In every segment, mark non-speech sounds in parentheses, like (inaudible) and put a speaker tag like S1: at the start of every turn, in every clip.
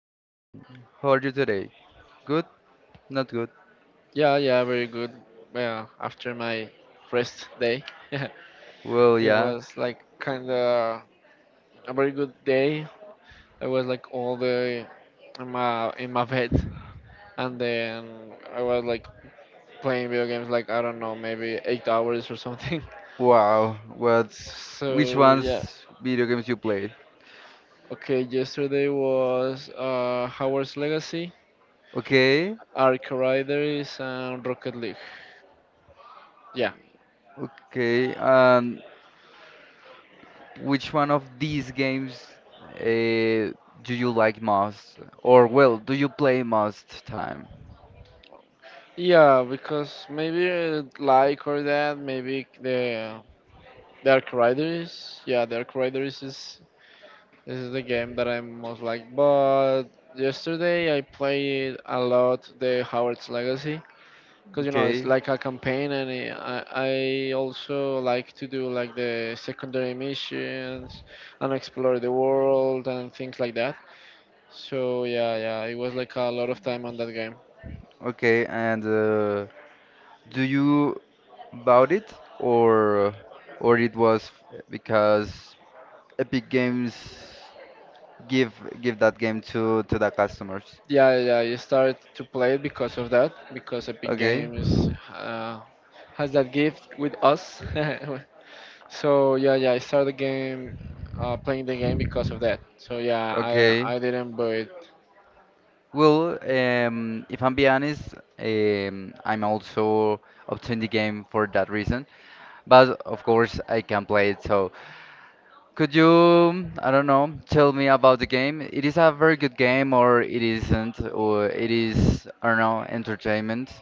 S1: Santiago, how are you today? Good? Not good?
S2: Yeah, yeah, very good. Well, after my rest day, (laughs)
S1: Well,
S2: it
S1: yeah.
S2: was like kind of a very good day. I was like all day in my bed, and then I was like playing video games like I don't know, maybe 8 hours or something. (laughs)
S1: Wow. What? Which
S2: So yeah,
S1: ones video games you played?
S2: okay. Yesterday was Howard's Legacy,
S1: Okay.
S2: Ark Riders, and Rocket League. Yeah.
S1: Okay. And which one of these games uh, do you like most? Or well, do you play most time?
S2: Yeah, because maybe like or that, maybe the Dark Riders, yeah, Dark Riders is this is the game that I'm most like. But yesterday I played a lot the Howard's Legacy because it's
S1: Okay.
S2: like a campaign, and I also like to do like the secondary missions and explore the world and things like that. So yeah, yeah, it was like a lot of time on that game.
S1: Okay. And do you bought it or or it was because Epic Games give give that game to the customers.
S2: Yeah, yeah, you started to play it because of that, because Epic
S1: Okay,
S2: Games has that gift with us. (laughs) So yeah, yeah, I started the game, playing the game because of that. So yeah,
S1: okay.
S2: I didn't. But
S1: Well, if I'm be honest, I'm also obtained the game for that reason. But of course, I can play it. So, could you, I don't know, tell me about the game? It is a very good game, or it isn't, or it is, I don't know, entertainment.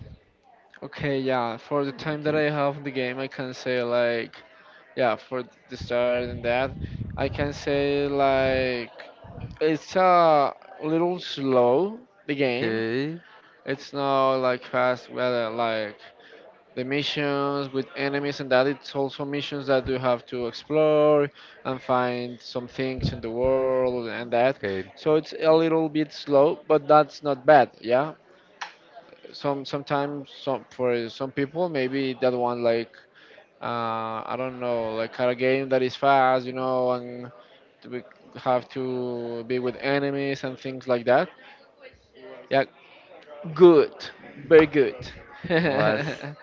S2: okay, yeah, for the time that
S1: Enter-
S2: I have in the game, I can say like, yeah, for the start and that, I can say like it's a little slow the game.
S1: Okay,
S2: It's not like fast, well, like the missions with enemies and that, it's also missions that you have to explore and find some things in the world and that,
S1: okay.
S2: so it's a little bit slow, but that's not bad. Yeah, some sometimes some for some people maybe that one like, I don't know, like a game that is fast, you know, and to be, have to be with enemies and things like that. Yeah, good, very good.
S1: Was
S2: (laughs)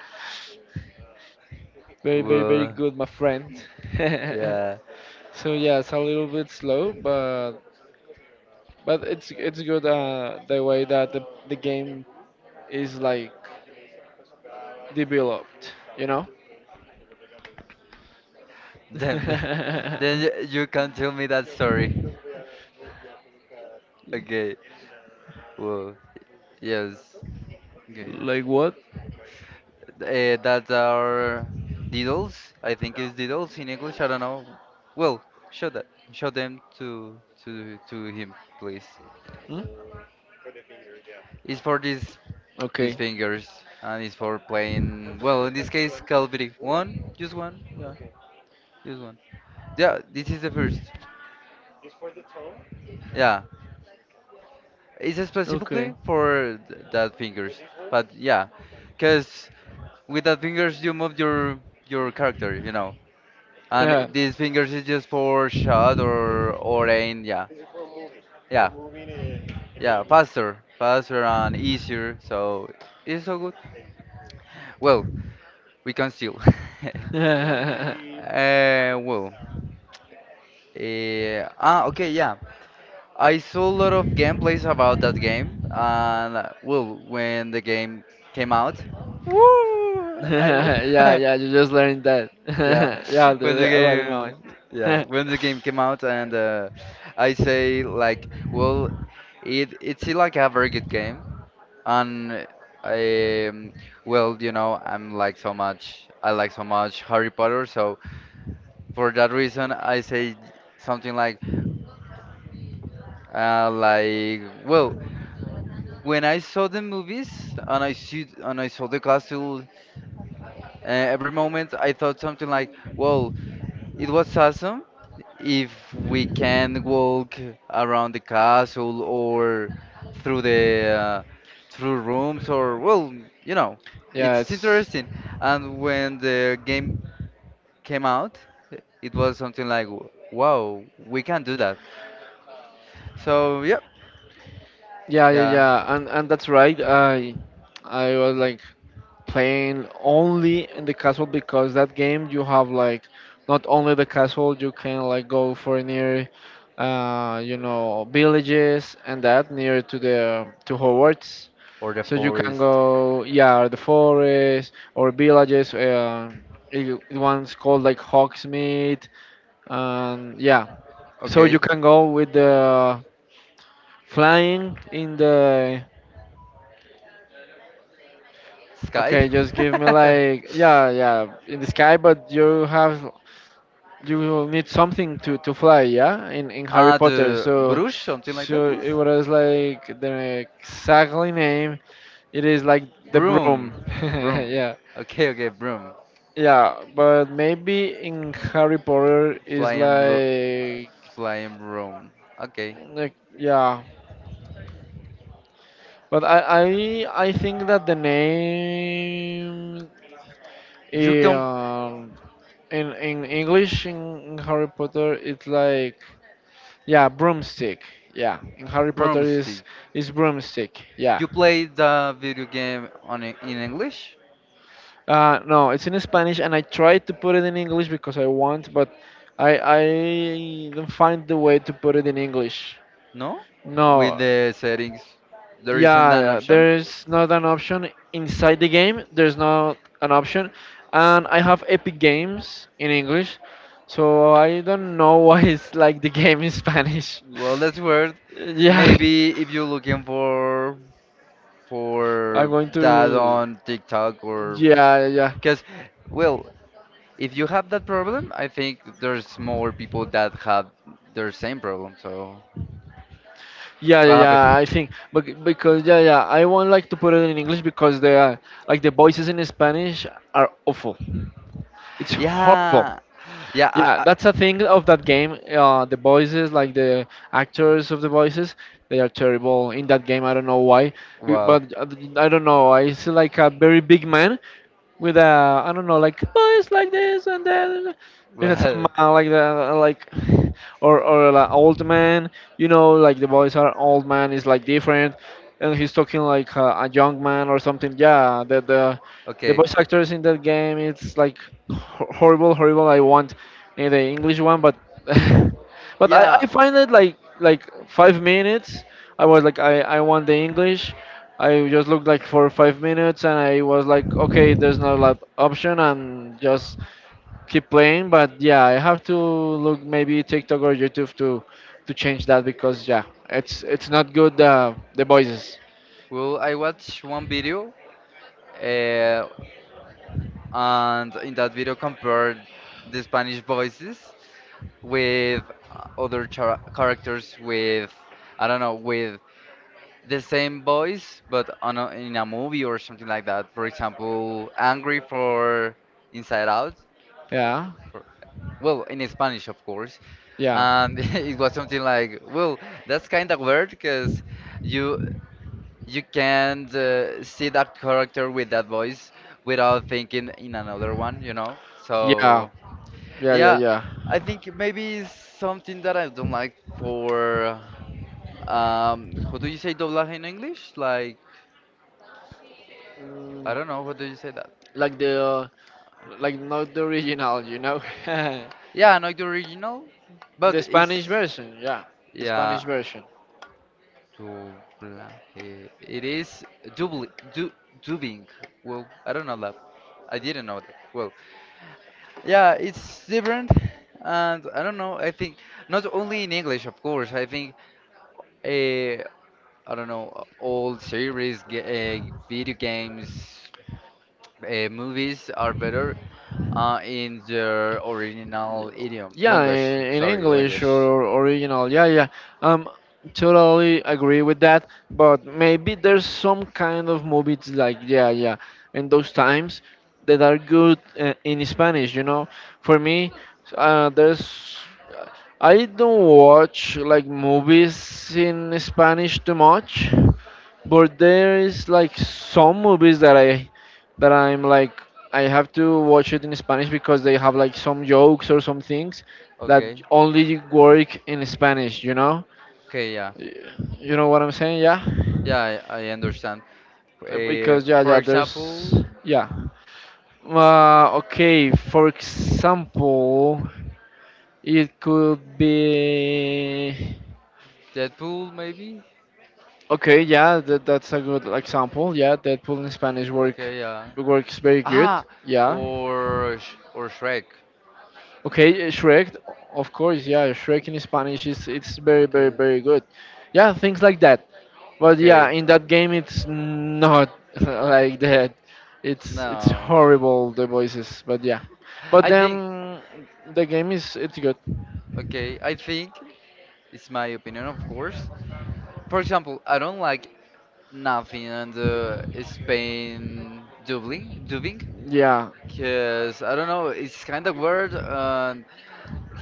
S2: Very, very, very
S1: well,
S2: good, my friend. (laughs)
S1: yeah.
S2: So yeah, it's a little bit slow, but it's good, the way that the game is like developed.
S1: Then, then then you can tell me that story. Okay. Well, yes.
S2: (laughs)
S1: Okay.
S2: Like what?
S1: That's our diddles. I think it's diddles in English. I don't know. Well, show that. Show them to to him, please.
S2: Hmm?
S1: It's for these
S2: Okay.
S1: fingers, and it's for playing. Well, in this case, Calvary. One, just one. Yeah, just one. Yeah, this is the first. Yeah, it's
S2: Okay.
S1: specifically for th that fingers. But yeah, because with the fingers you move your character, you know. And these fingers is just for shot or aim, yeah. Yeah, yeah, faster, faster and easier, so it's so good. Well, we can still. (laughs)
S2: Yeah. (laughs)
S1: Uh, well, okay, yeah. I saw a lot of gameplays about that game, and well, when the game came out, woo,
S2: (laughs)
S1: I,
S2: Yeah,
S1: (laughs)
S2: yeah, you just learned that.
S1: Yeah,
S2: (laughs) Yeah, the,
S1: when the
S2: the already moment.
S1: game, yeah,
S2: (laughs)
S1: when the game came out, and I say like, well, it it's like a very good game, and I well, you know, I'm like so much, I like so much Harry Potter, so for that reason, I say something like, well, when I saw the movies and I see and I saw the castle, every moment I thought something like, well, it was awesome if we can walk around the castle or through the through rooms or well, you know,
S2: Yeah,
S1: it's
S2: it's.
S1: interesting. And when the game came out, it was something like, wow, we can do that. So yeah,
S2: Yeah, yeah,
S1: yeah,
S2: yeah, and that's right. I was like playing only in the castle, because that game you have like not only the castle, you can like go for near, villages and that, near to Hogwarts.
S1: or the
S2: So you can
S1: forest.
S2: go, yeah, the forest or villages. It one's called like Hogsmeade, and yeah. So you
S1: Okay,
S2: can go with the flying in the.
S1: sky.
S2: Okay, just give me
S1: (laughs)
S2: like, yeah, yeah, in the sky, but you will need something to fly, yeah, in Harry
S1: Ah,
S2: Potter.
S1: the
S2: So
S1: brush, something like that
S2: so
S1: is.
S2: it was like the exactly name. It is like the broom,
S1: Broom,
S2: (laughs)
S1: the broom.
S2: yeah.
S1: Okay, okay, broom.
S2: Yeah, but maybe in Harry Potter is
S1: Flying blo
S2: like,
S1: Flying broom. Okay.
S2: like yeah. But I think that the name,
S1: You can
S2: um in English in Harry Potter it's like, yeah, broomstick, yeah, in Harry Potter is
S1: broomstick.
S2: is broomstick, yeah.
S1: You play the video game on in English?
S2: No, it's in Spanish, and I tried to put it in English because I want, but I don't find the way to put it in English.
S1: No? With
S2: No,
S1: the settings. There isn't
S2: yeah,
S1: an
S2: yeah,
S1: option.
S2: there's not an option inside the game. There's not an option, and I have Epic Games in English, so I don't know (laughs) why it's like the game in Spanish. (laughs)
S1: Well, that's weird.
S2: Yeah,
S1: Maybe if you're looking
S2: I'm
S1: for
S2: going
S1: that
S2: to.
S1: on TikTok or
S2: Yeah, yeah.
S1: because well, if you have that problem, I think there's more people that have their same problem. So
S2: Yeah, yeah,
S1: what
S2: yeah,
S1: happened?
S2: I think because, yeah, yeah, I won't like to put it in English because they are like the voices in Spanish are awful. It's horrible.
S1: Yeah, yeah.
S2: Yeah, that's a thing of that game. The voices, like the actors of the voices, they are terrible in that game. I don't know why, b-
S1: Wow. (laughs)
S2: but uh, I don't know. I see like a very big man with a, I don't know, like, oh, it's like this and that, some,
S1: Well,
S2: like the, like, or like old man, like the voice are old man is like different, and he's talking like a young man or something, yeah, the
S1: okay.
S2: voice actors in that game, it's like horrible, horrible. I want, the English one, but (laughs) but I
S1: Yeah.
S2: find it like 5 minutes. I was like, I want the English, I just looked like for 5 minutes, and I was like, okay, there's no lot option, and just keep playing. But yeah, I have to look maybe TikTok or YouTube to change that, because yeah, it's not good, the voices.
S1: Well, I watched one video, uh, and in that video compared the Spanish voices with other characters with, I don't know, with the same voice, but on in a movie or something like that. For example, angry for Inside Out.
S2: Yeah,
S1: For, well, in Spanish, of course.
S2: yeah,
S1: And (laughs) it was
S2: (laughs)
S1: something like, well, that's kind of weird because you you
S2: can,
S1: can't see that character with that voice without thinking in another one, you know.
S2: yeah,
S1: So
S2: yeah, yeah,
S1: yeah,
S2: yeah,
S1: I think maybe it's something that I don't like for how do you say doblaje in English? Like I
S2: yeah.
S1: don't know. What do you say that?
S2: Like the, like not the original, (laughs) the
S1: Yeah, I know the original, but
S2: Spanish
S1: it's
S2: version. Yeah, the Spanish
S1: yeah,
S2: version.
S1: dublaje. It is dubli, du, dubbing. Well, I don't know that. I didn't know that. Well, yeah, it's different, and I don't know. I think not only in English, of course. I think uh, I don't know. Old series, video games, movies are better in their original
S2: Y-
S1: idiom
S2: Yeah,
S1: language.
S2: in
S1: Sorry,
S2: English
S1: language.
S2: or original. Yeah, yeah. Um, Totally agree with that. But maybe there's some kind of movies like, yeah, yeah, in those times that are good, in Spanish. You know, for me, there's, I don't watch like movies in Spanish too much, but there is like some movies that I'm like, I have to watch it in Spanish because they have like some jokes or some things that
S1: Okay.
S2: only work in Spanish, you know?
S1: Okay, yeah.
S2: Y- You know what I'm saying? Yeah.
S1: Yeah, I understand.
S2: Because, yeah,
S1: For
S2: yeah, there's,
S1: example,
S2: yeah. Okay, for example, it could be,
S1: Deadpool maybe?
S2: okay. Yeah, that's a good example. Yeah, Deadpool in Spanish work
S1: Okay, yeah.
S2: works very good.
S1: Ah,
S2: Yeah.
S1: or Shrek.
S2: Okay, Shrek, of course, yeah, Shrek in Spanish is it's very, very,
S1: Okay.
S2: very good. Yeah, things like that. But
S1: Okay.
S2: yeah, in that game, it's not (laughs) like that. It's
S1: No.
S2: horrible, the voices. But yeah, but
S1: I think
S2: then the game is it's good.
S1: okay, I think it's my opinion, of course. For example, I don't like nothing on the Spain dubbing,
S2: Yeah,
S1: because I don't know, it's kind of weird. And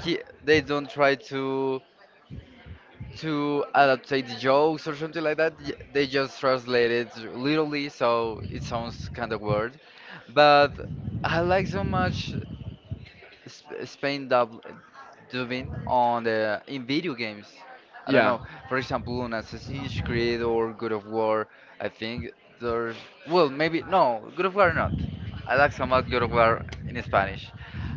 S1: he they don't try to adaptate the jokes or something like that. They just translate it literally, so it sounds kind of weird. But I like so much. Spain dubbing on the in video games. I don't know. For example, on Assassin's Creed or God of
S2: yeah.
S1: War, I think there's well maybe no God of War not. I like somewhat God of War in Spanish,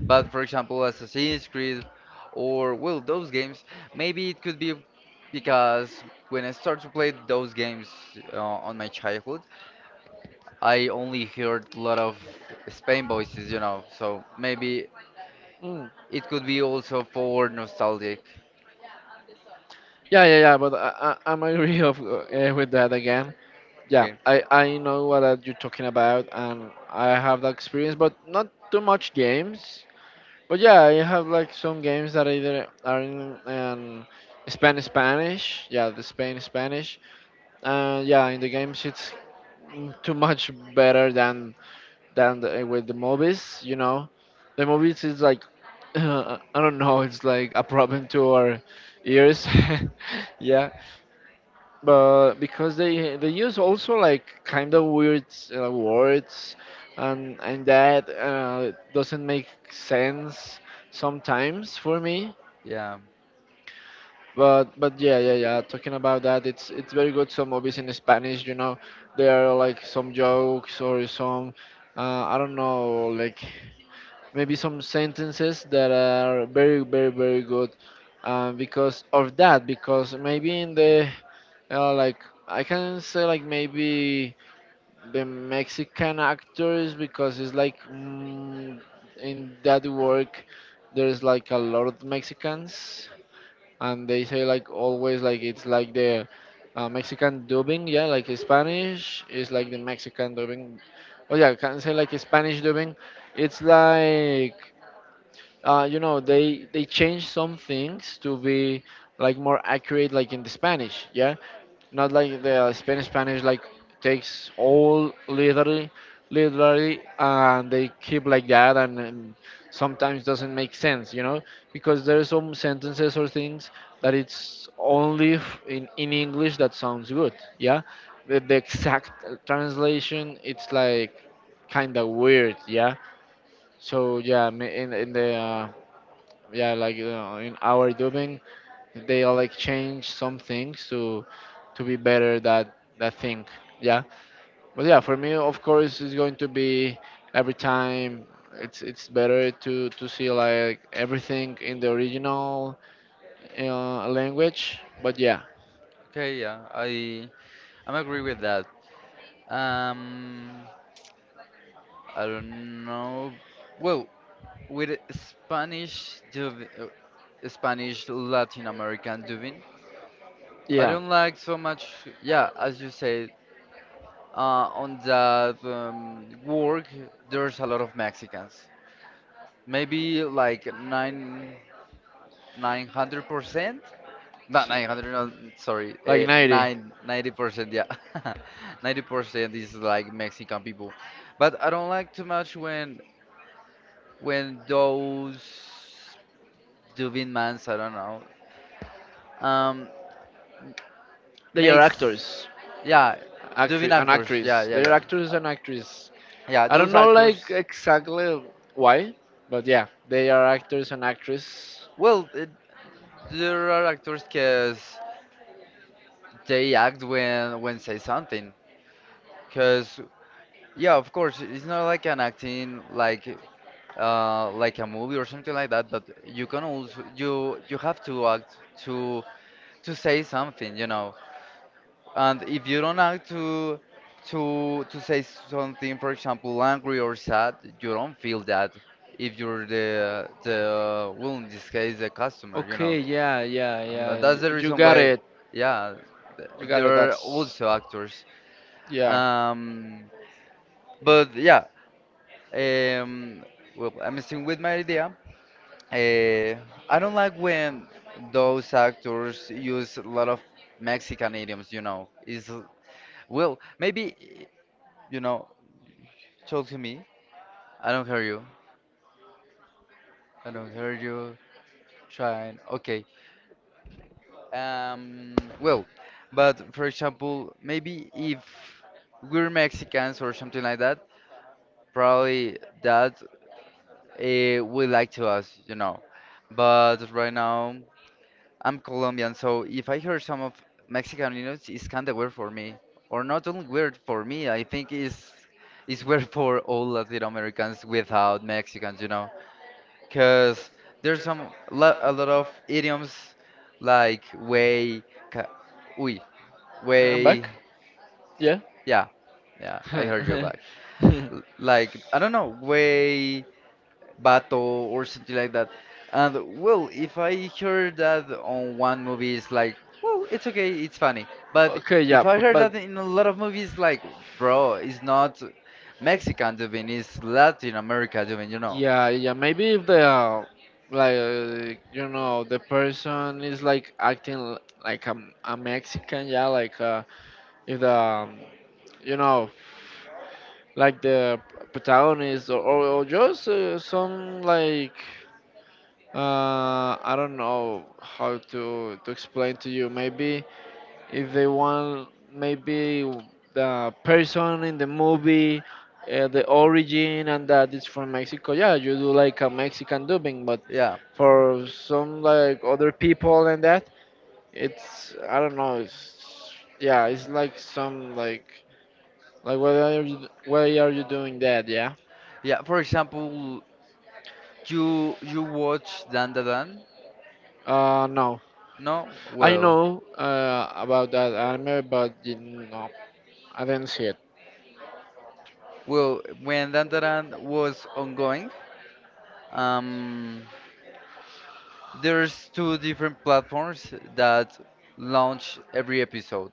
S1: but for example, Assassin's Creed or well those games maybe it could be because when I started to play those games on my childhood, I only heard a lot of Spain voices, you know. So maybe
S2: Mm.
S1: it could be also for nostalgic.
S2: Yeah, yeah, yeah. But I'm agree of, with that again. Yeah,
S1: Okay.
S2: I know what are you talking about, and I have the experience, but not too much games. But yeah, I have like some games that either are in, Spanish, Spanish. Yeah, the Spain Spanish. Yeah, in the games it's, too much better than with the movies. You know, the movies is like, (laughs) I don't know, it's like a problem to our ears. (laughs) Yeah, but because they use also like kind of weird, words, and that, doesn't make sense sometimes for me.
S1: Yeah.
S2: But yeah, yeah, yeah. Talking about that, it's very good. Some movies in Spanish, you know, there are like some jokes or some, I don't know, like maybe some sentences that are very, very, very good, because of that. Because maybe in the, like, I can say like, maybe the Mexican actors, because it's like, in that work there's like a lot of Mexicans, and they say like, always like it's like the, Mexican dubbing, yeah, like Spanish is like the Mexican dubbing. Oh yeah, I can say like Spanish dubbing. It's like, they change some things to be like more accurate like in the Spanish, yeah. Not like the Spanish Spanish like takes all literally, literally, and they keep like that, and sometimes doesn't make sense, because there are some sentences or things that it's only in English that sounds good, yeah. The exact translation, it's like kind of weird, yeah. So yeah, in the, yeah, like, in our dubbing they, like change some things to be better that thing, yeah. But yeah, for me, of course, it's going to be every time, it's better to see like everything in the original, language, but yeah,
S1: Okay, yeah. I'm agree with that. Um, I don't know. Well, with Spanish dub, Spanish Latin American dubbing, I
S2: yeah.
S1: don't like so much. Yeah, as you said, on that work, there's a lot of Mexicans. Maybe like 900%. Not
S2: See.
S1: 900, no, sorry,
S2: Like
S1: uh,
S2: 90,
S1: 9, 90%, yeah. (laughs) 90% is like Mexican people. But I don't like too much when those Duvin mans, I don't know, um,
S2: they are
S1: makes,
S2: actors.
S1: yeah, Duvin
S2: Actress, an
S1: actors,
S2: actress. They're
S1: yeah.
S2: actors
S1: Uh,
S2: and actress.
S1: yeah,
S2: I don't, right.
S1: those
S2: Know like
S1: actors,
S2: exactly why, but yeah, they are actors and actress.
S1: well, there are actors because they act when say something. Because yeah, of course. It's not like an acting like a movie or something like that, but you can also you have to act to to say something, you know. And if you don't act to to say something, for example, angry or sad, you don't feel that if you're the well in this case the customer, you know.
S2: Okay, yeah, yeah,
S1: And
S2: yeah.
S1: that's
S2: y-
S1: the
S2: You
S1: reason
S2: got
S1: why,
S2: it.
S1: yeah,
S2: You got
S1: there
S2: it.
S1: are
S2: That's,
S1: also actors.
S2: yeah,
S1: Um, but yeah. Um, well, I'm still with my idea. Uh, I don't like when those actors use a lot of Mexican idioms, you know. Is
S2: yeah,
S1: well, maybe you know,
S2: yeah.
S1: talk to me. I don't hear you.
S2: Yeah.
S1: I
S2: I
S1: don't
S2: don't
S1: hear
S2: have
S1: you.
S2: like internet.
S1: Trying. Okay. Well, but for example, maybe if we're Mexicans or something like that,
S2: Mm,
S1: probably that would like to us, you know. But right now. I'm Colombian, so if I hear some of Mexican news, it's kind of weird for me, or not only weird for me. I think it's weird (laughs) for all Latin Americans without Mexicans, you know, because there's some lo a lot of idioms like way, ca uy,
S2: I'm back.
S1: way,
S2: Yeah.
S1: yeah, yeah.
S2: (laughs)
S1: I heard you
S2: Okay,
S1: back. Like I don't know, way. Bato or something like that. And well, if I heard that on one movie, it's like, well, it's okay, it's funny. But if
S2: yeah,
S1: I
S2: but,
S1: heard that
S2: but
S1: in a lot of movies, like, bro, it's not Mexican dubbing, it's Latin America dubbing, you know?
S2: yeah, yeah. Maybe if the, like, the person is like acting like a Mexican, yeah. Like, if the, you know like the protagonist or just, some like, I don't know how to explain to you. Maybe if they want, maybe the person in the movie, the origin and that, it's from Mexico, yeah, you do like a Mexican dubbing, but
S1: Yeah,
S2: for some like other people and that, it's, I don't know, it's, yeah, it's like some like why are you doing that, yeah.
S1: yeah. For example, you watch Dan Da Dan?
S2: No,
S1: No?
S2: I
S1: Well,
S2: know, about that anime, but you no, I didn't see it,
S1: well, when Dan Da Dan was ongoing, um, there's two different platforms that launch every episode,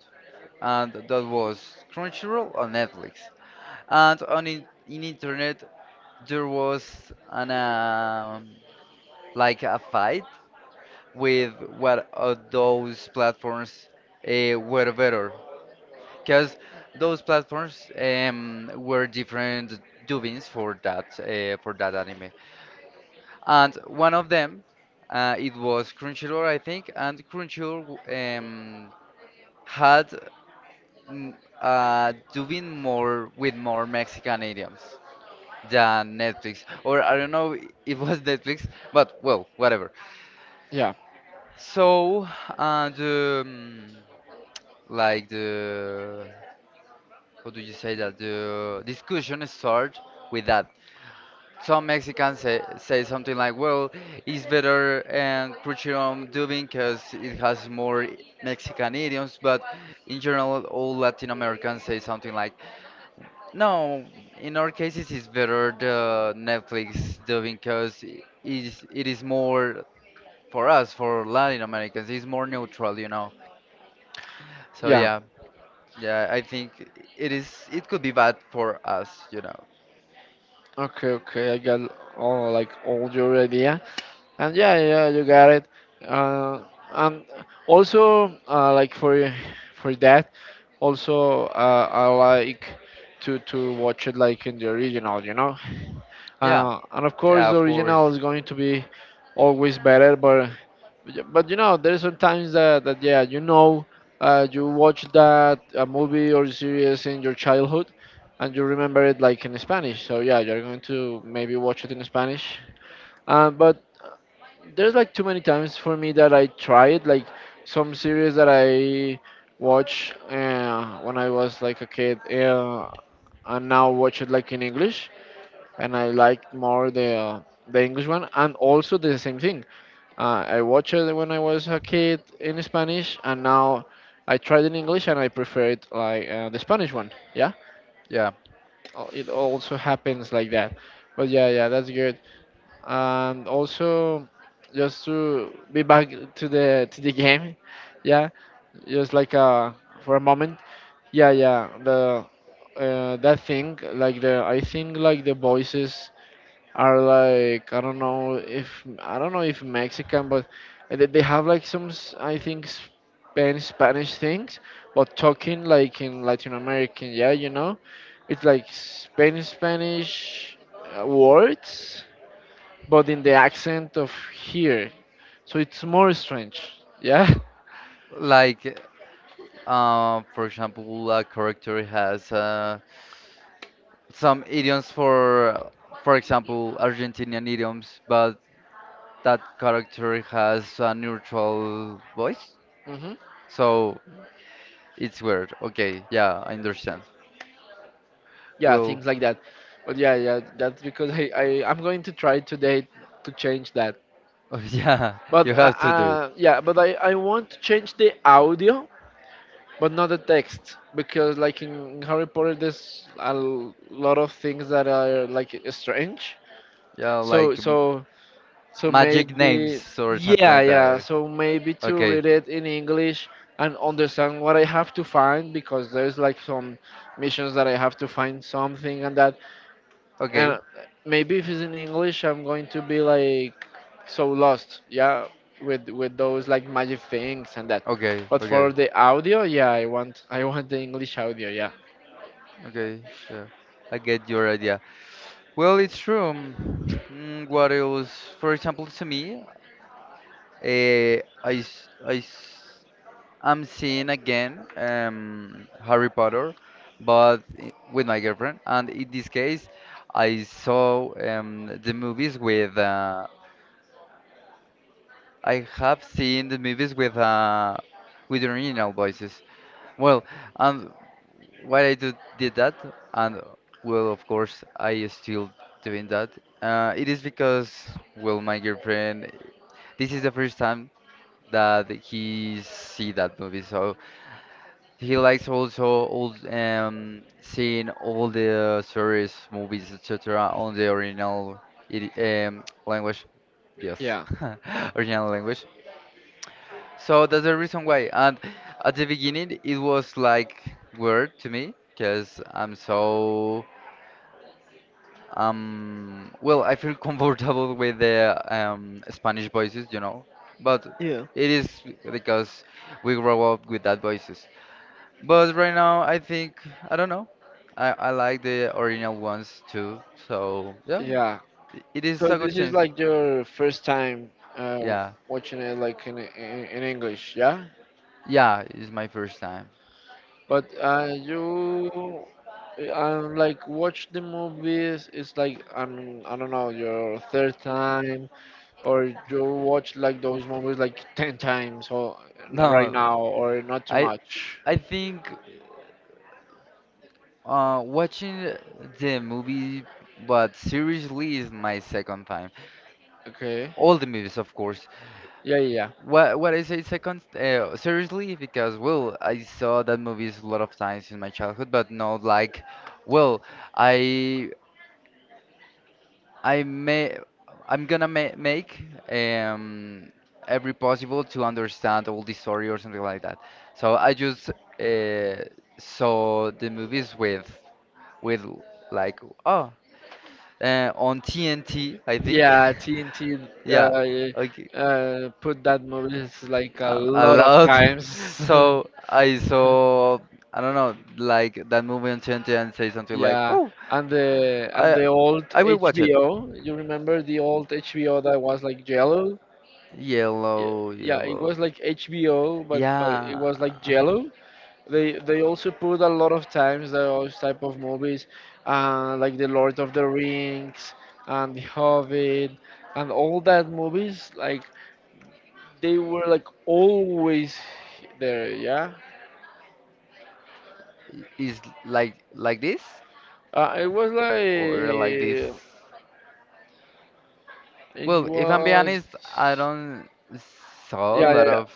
S1: and that was Crunchyroll or Netflix. And on in internet there was an like a fight with what of those platforms were better, because those platforms were different dubbings for that anime, and one of them it was Crunchyroll I think, and Crunchyroll um, had m- doing more with more Mexican idioms than Netflix. Or I don't know if it was Netflix, but well, whatever.
S2: yeah,
S1: So, uh, the mm, like the how do you say that the discussion starts with that. Some Mexicans say, say something like, "Well, it's better and Crunchyroll dubbing because it has more Mexican idioms," but in general, all Latin Americans say something like no, in our cases, it's better the Netflix doing because it is more for us, for Latin Americans, it's more neutral, you know. So
S2: yeah.
S1: yeah, yeah, I think it is. It could be bad for us, you know.
S2: Okay, okay, I got all your idea, and yeah, yeah, you got it. Uh, and also, like for that, also I like to watch it like in the original.
S1: Yeah,
S2: And of course,
S1: yeah,
S2: the
S1: of
S2: original is
S1: course.
S2: going to be always better, but yeah, but you know, there's sometimes that, that yeah, you know, you watch that a movie or series in your childhood, and you remember it like in Spanish. So yeah, you're going to maybe watch it in Spanish. But there's like too many times for me that I tried like some series that I watch when I was like a kid, and now watch it like in English, and I liked more the the English one, and also the same thing. I watched it when I was a kid in Spanish, and now I tried in English, and I prefer it like the Spanish one. Yeah,
S1: Yeah,
S2: It also happens like that. But yeah, that's good. And also, just to be back to the game. Yeah, just like for a moment. Yeah, the that thing like the I think like the voices are like I don't know if Mexican, but they have like some I think Spanish Spanish things, but talking like in Latin American, yeah, you know, it's like Spanish Spanish words, but in the accent of here, so it's more strange, yeah. (laughs)
S1: like for example, a character has some idioms for example, Argentinian idioms, but that character has a neutral voice.
S2: Hmm.
S1: So it's weird. Okay, yeah, I understand.
S2: Yeah,
S1: Well,
S2: things like that. But yeah, that's because I'm going to try today to change that.
S1: (laughs) yeah,
S2: But
S1: you have to do it.
S2: yeah, but I want to change the audio, but not the text, because like in Harry Potter, there's a lot of things that are like strange.
S1: Yeah,
S2: So
S1: like
S2: so so
S1: magic
S2: maybe
S1: names or something
S2: yeah
S1: like
S2: yeah.
S1: that.
S2: So maybe to
S1: Okay,
S2: read it in English and understand what I have to find, because there's like some missions that I have to find something and that
S1: okay,
S2: and maybe if it's in English, I'm going to be like so lost, yeah, with those like magic things and that.
S1: okay,
S2: But
S1: okay,
S2: for the audio, yeah, I want the English audio,
S1: okay, yeah. I get your idea. Well, it's true. What else? For example, to me, uh, I, s- I, s- I'm seeing again Harry Potter, but with my girlfriend. And in this case, I saw the movies with. I have seen the movies with original voices. Well, and why did that, and well, of course, I still doing that. It is because well, my girlfriend. This is the first time that he see that movie, so he likes also all seeing all the series, movies, etc. on the original idi- language. Yes,
S2: yeah,
S1: (laughs) original language. So that's the reason why. And at the beginning, it was like weird to me because I'm so well, I feel (laughs) comfortable with the Spanish voices, you know. But
S2: Yeah.
S1: it is because we grow up with that voices. But right now, I think I don't know. I like the original ones too. So yeah,
S2: yeah.
S1: it is
S2: So
S1: a good
S2: this is
S1: change.
S2: like your first time
S1: Yeah,
S2: watching it like in English, yeah.
S1: yeah, it's my first time.
S2: But you. Like watch the movies. It's like I don't know, your third time, or you watch like those movies like 10 times or
S1: (laughs)
S2: right now
S1: No,
S2: or not too
S1: I
S2: much.
S1: I think watching the movie, but seriously, is my second time.
S2: okay
S1: All the movies, of course.
S2: yeah yeah
S1: What I say second seriously because well, I saw that movies a lot of times in my childhood, but not like well, I I may I'm gonna ma make um every possible to understand all the story or something like that. So I just uh, saw the movies with like oh on TNT I think
S2: yeah, TNT,
S1: (laughs) yeah okay
S2: put that movies like a
S1: a
S2: lot of
S1: lot. (laughs)
S2: times.
S1: So I saw I don't know like that movie on TNT and say
S2: (laughs)
S1: something like
S2: Yeah,
S1: oh
S2: and the and
S1: I
S2: the old
S1: I will watch it.
S2: HBO, you remember the old HBO that was like yellow? Yeah,
S1: Yellow,
S2: yeah, it
S1: yellow.
S2: was like HBO, but it was like
S1: Yeah.
S2: yellow. They also put a lot of times those type of movies, like The Lord of the Rings and The Hobbit and all that movies. Like they were like always there. Yeah,
S1: Is like this
S2: it was
S1: or like this.
S2: like it
S1: Well, if I'm being
S2: was
S1: honest, I don't saw a
S2: yeah yeah
S1: lot
S2: yeah
S1: of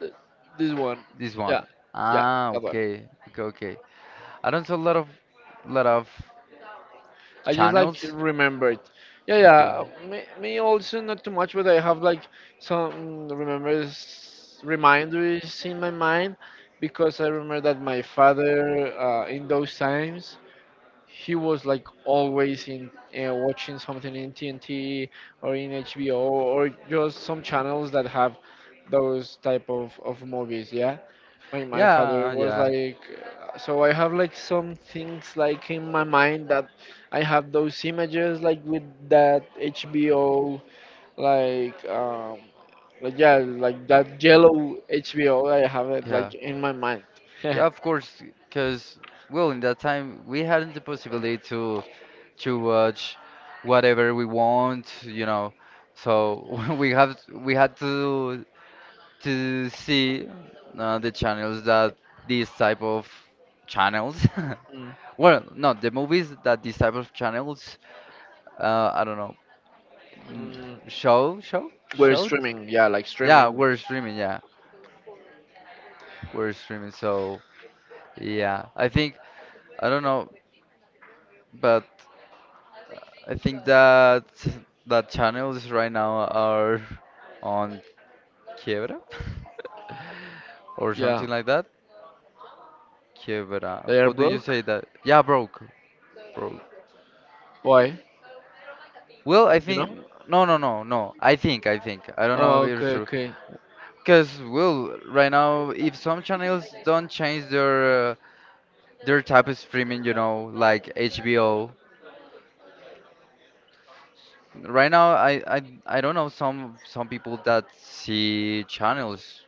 S2: th- this one,
S1: this
S2: yeah
S1: one.
S2: yeah
S1: Ah,
S2: that one.
S1: okay, okay, okay. I don't saw a lot of lot of
S2: I just like
S1: channels.
S2: remembered. Yeah,
S1: Okay.
S2: yeah. Me, also not too much, but I have like some remembers, reminders in my mind, because I remember that my father, in those times, he was like always in, watching something in TNT or in HBO or just some channels that have those type of movies. Yeah, my father
S1: Yeah,
S2: was
S1: yeah,
S2: like, so I have like some things like in my mind, that I have those images like with that HBO, like um like yeah, like that yellow HBO, I have it
S1: yeah,
S2: like in my mind. (laughs)
S1: yeah. Of course, because well, in that time we hadn't the possibility to watch whatever we want, you know. So (laughs) we have we had to see the channels that these type of channels
S2: Mm,
S1: (laughs) well no the movies that these type of channels I don't know mm,
S2: mm,
S1: show
S2: We're
S1: showed
S2: streaming, yeah, like streaming.
S1: yeah we're streaming so yeah I think I don't know but I think that that channels right now are on quiebra (laughs) or
S2: Yeah,
S1: something like that quiebra
S2: they are
S1: what do you
S2: broke.
S1: say that yeah broke broke.
S2: Why?
S1: Well, I
S2: You
S1: think
S2: know?
S1: no, no, no, no. I think. I don't
S2: Oh,
S1: know if it's
S2: okay,
S1: true.
S2: okay.
S1: Because well, right now, if some channels don't change their type of streaming, you know, like HBO. Right now, I don't know some people that see channels.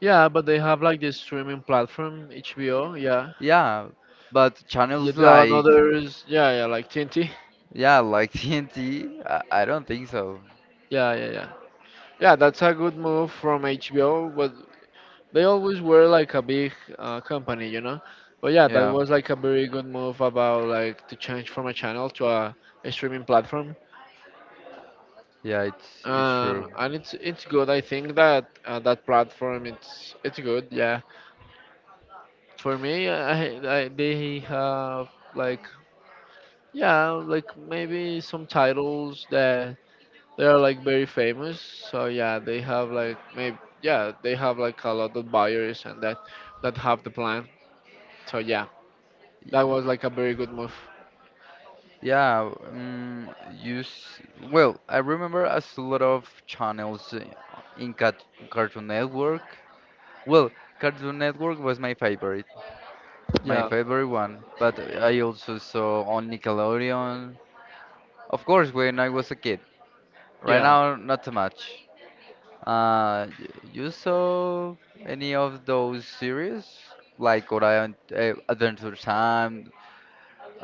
S2: Yeah, but they have like this streaming platform, HBO. Yeah.
S1: Yeah, but
S2: Yeah,
S1: channels
S2: there are
S1: like
S2: others, yeah, yeah, like TNT.
S1: yeah, like (laughs) TNT. I don't think so.
S2: Yeah, yeah, yeah. Yeah, that's a good move from HBO, but they always were like a big company, you know. But yeah, that
S1: Yeah,
S2: was like a very good move about like to change from a channel to a streaming platform.
S1: yeah, it's true.
S2: And it's good. I think that that platform it's good. Yeah, for me, I they have like yeah, like maybe some titles that they are like very famous, so yeah, they have like maybe yeah, they have like a lot of buyers and that have the plan. So yeah, that was like a very good move.
S1: Yeah, you well, I remember a lot of channels in Cat Cartoon Network. Well, Cartoon Network was my
S2: Yeah,
S1: favorite one, but I also saw on Nickelodeon, of course, when I was a kid. Right
S2: yeah,
S1: now, not so much. You saw any of those series? Like Orion, Adventure Time,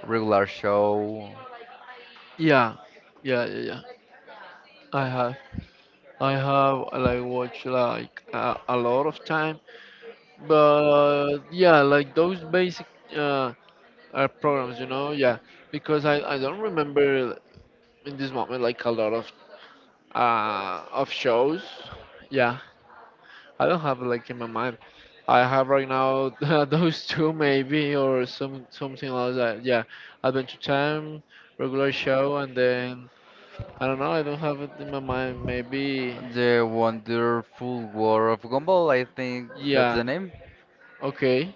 S1: Regular Show?
S2: yeah, yeah, yeah, yeah. I have like watched like a lot of time, but yeah, like those basic uh are programs, you know, yeah, because I don't remember in this moment like a lot of shows. Yeah, I don't have like in my mind. I have right now (laughs) those two maybe, or some something else. That, yeah, Adventure Time, regular show, and then I don't know. I don't have it in my mind. Maybe
S1: The Wonderful War of Gumball, I think that's
S2: yeah.
S1: the name.
S2: Okay.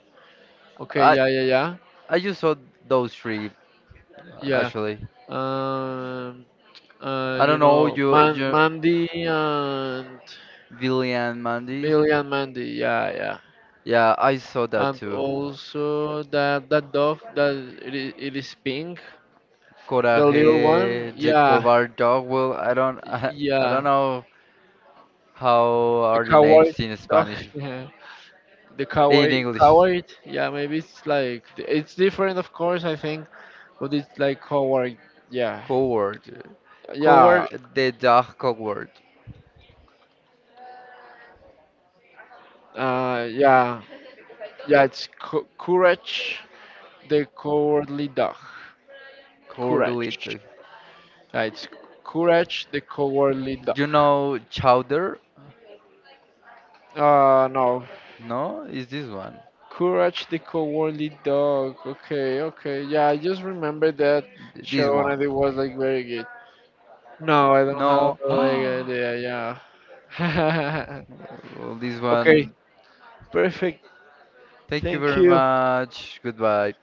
S2: Okay.
S1: I
S2: Yeah. Yeah.
S1: I just saw those three
S2: Yeah. Yeah.
S1: actually.
S2: Um.
S1: I don't
S2: You
S1: know
S2: know,
S1: you
S2: Mandy and
S1: Billy and Mandy.
S2: Billy and Mandy. Yeah. Yeah.
S1: Yeah, I saw that
S2: And
S1: too.
S2: also that dog that it is pink, the little one.
S1: Coraje, the
S2: Yeah,
S1: Coward Dog. Well, I don't (laughs) I don't
S2: yeah,
S1: know how
S2: the
S1: are the
S2: coward
S1: names in
S2: dog.
S1: Spanish
S2: (laughs) Yeah, the
S1: in
S2: coward,
S1: English.
S2: coward. Yeah, maybe it's like it's different, of course. I think, but it's like coward. Yeah,
S1: Coward,
S2: yeah,
S1: coward, the dog coward,
S2: uh, yeah, yeah. It's courage, the cowardly dog.
S1: cowardly.
S2: Courage.
S1: Dog.
S2: Yeah, it's courage, the cowardly dog.
S1: You know Chowder?
S2: No.
S1: No, is this one?
S2: Courage the Cowardly Dog. Okay, okay. Yeah, I just remember that
S1: This
S2: show and
S1: one.
S2: it was like very good. No, I don't have
S1: No. (gasps)
S2: like, a idea. Yeah.
S1: Well, this
S2: (laughs) Okay.
S1: one.
S2: Perfect.
S1: Thank you
S2: Thank
S1: very
S2: you.
S1: much. Goodbye.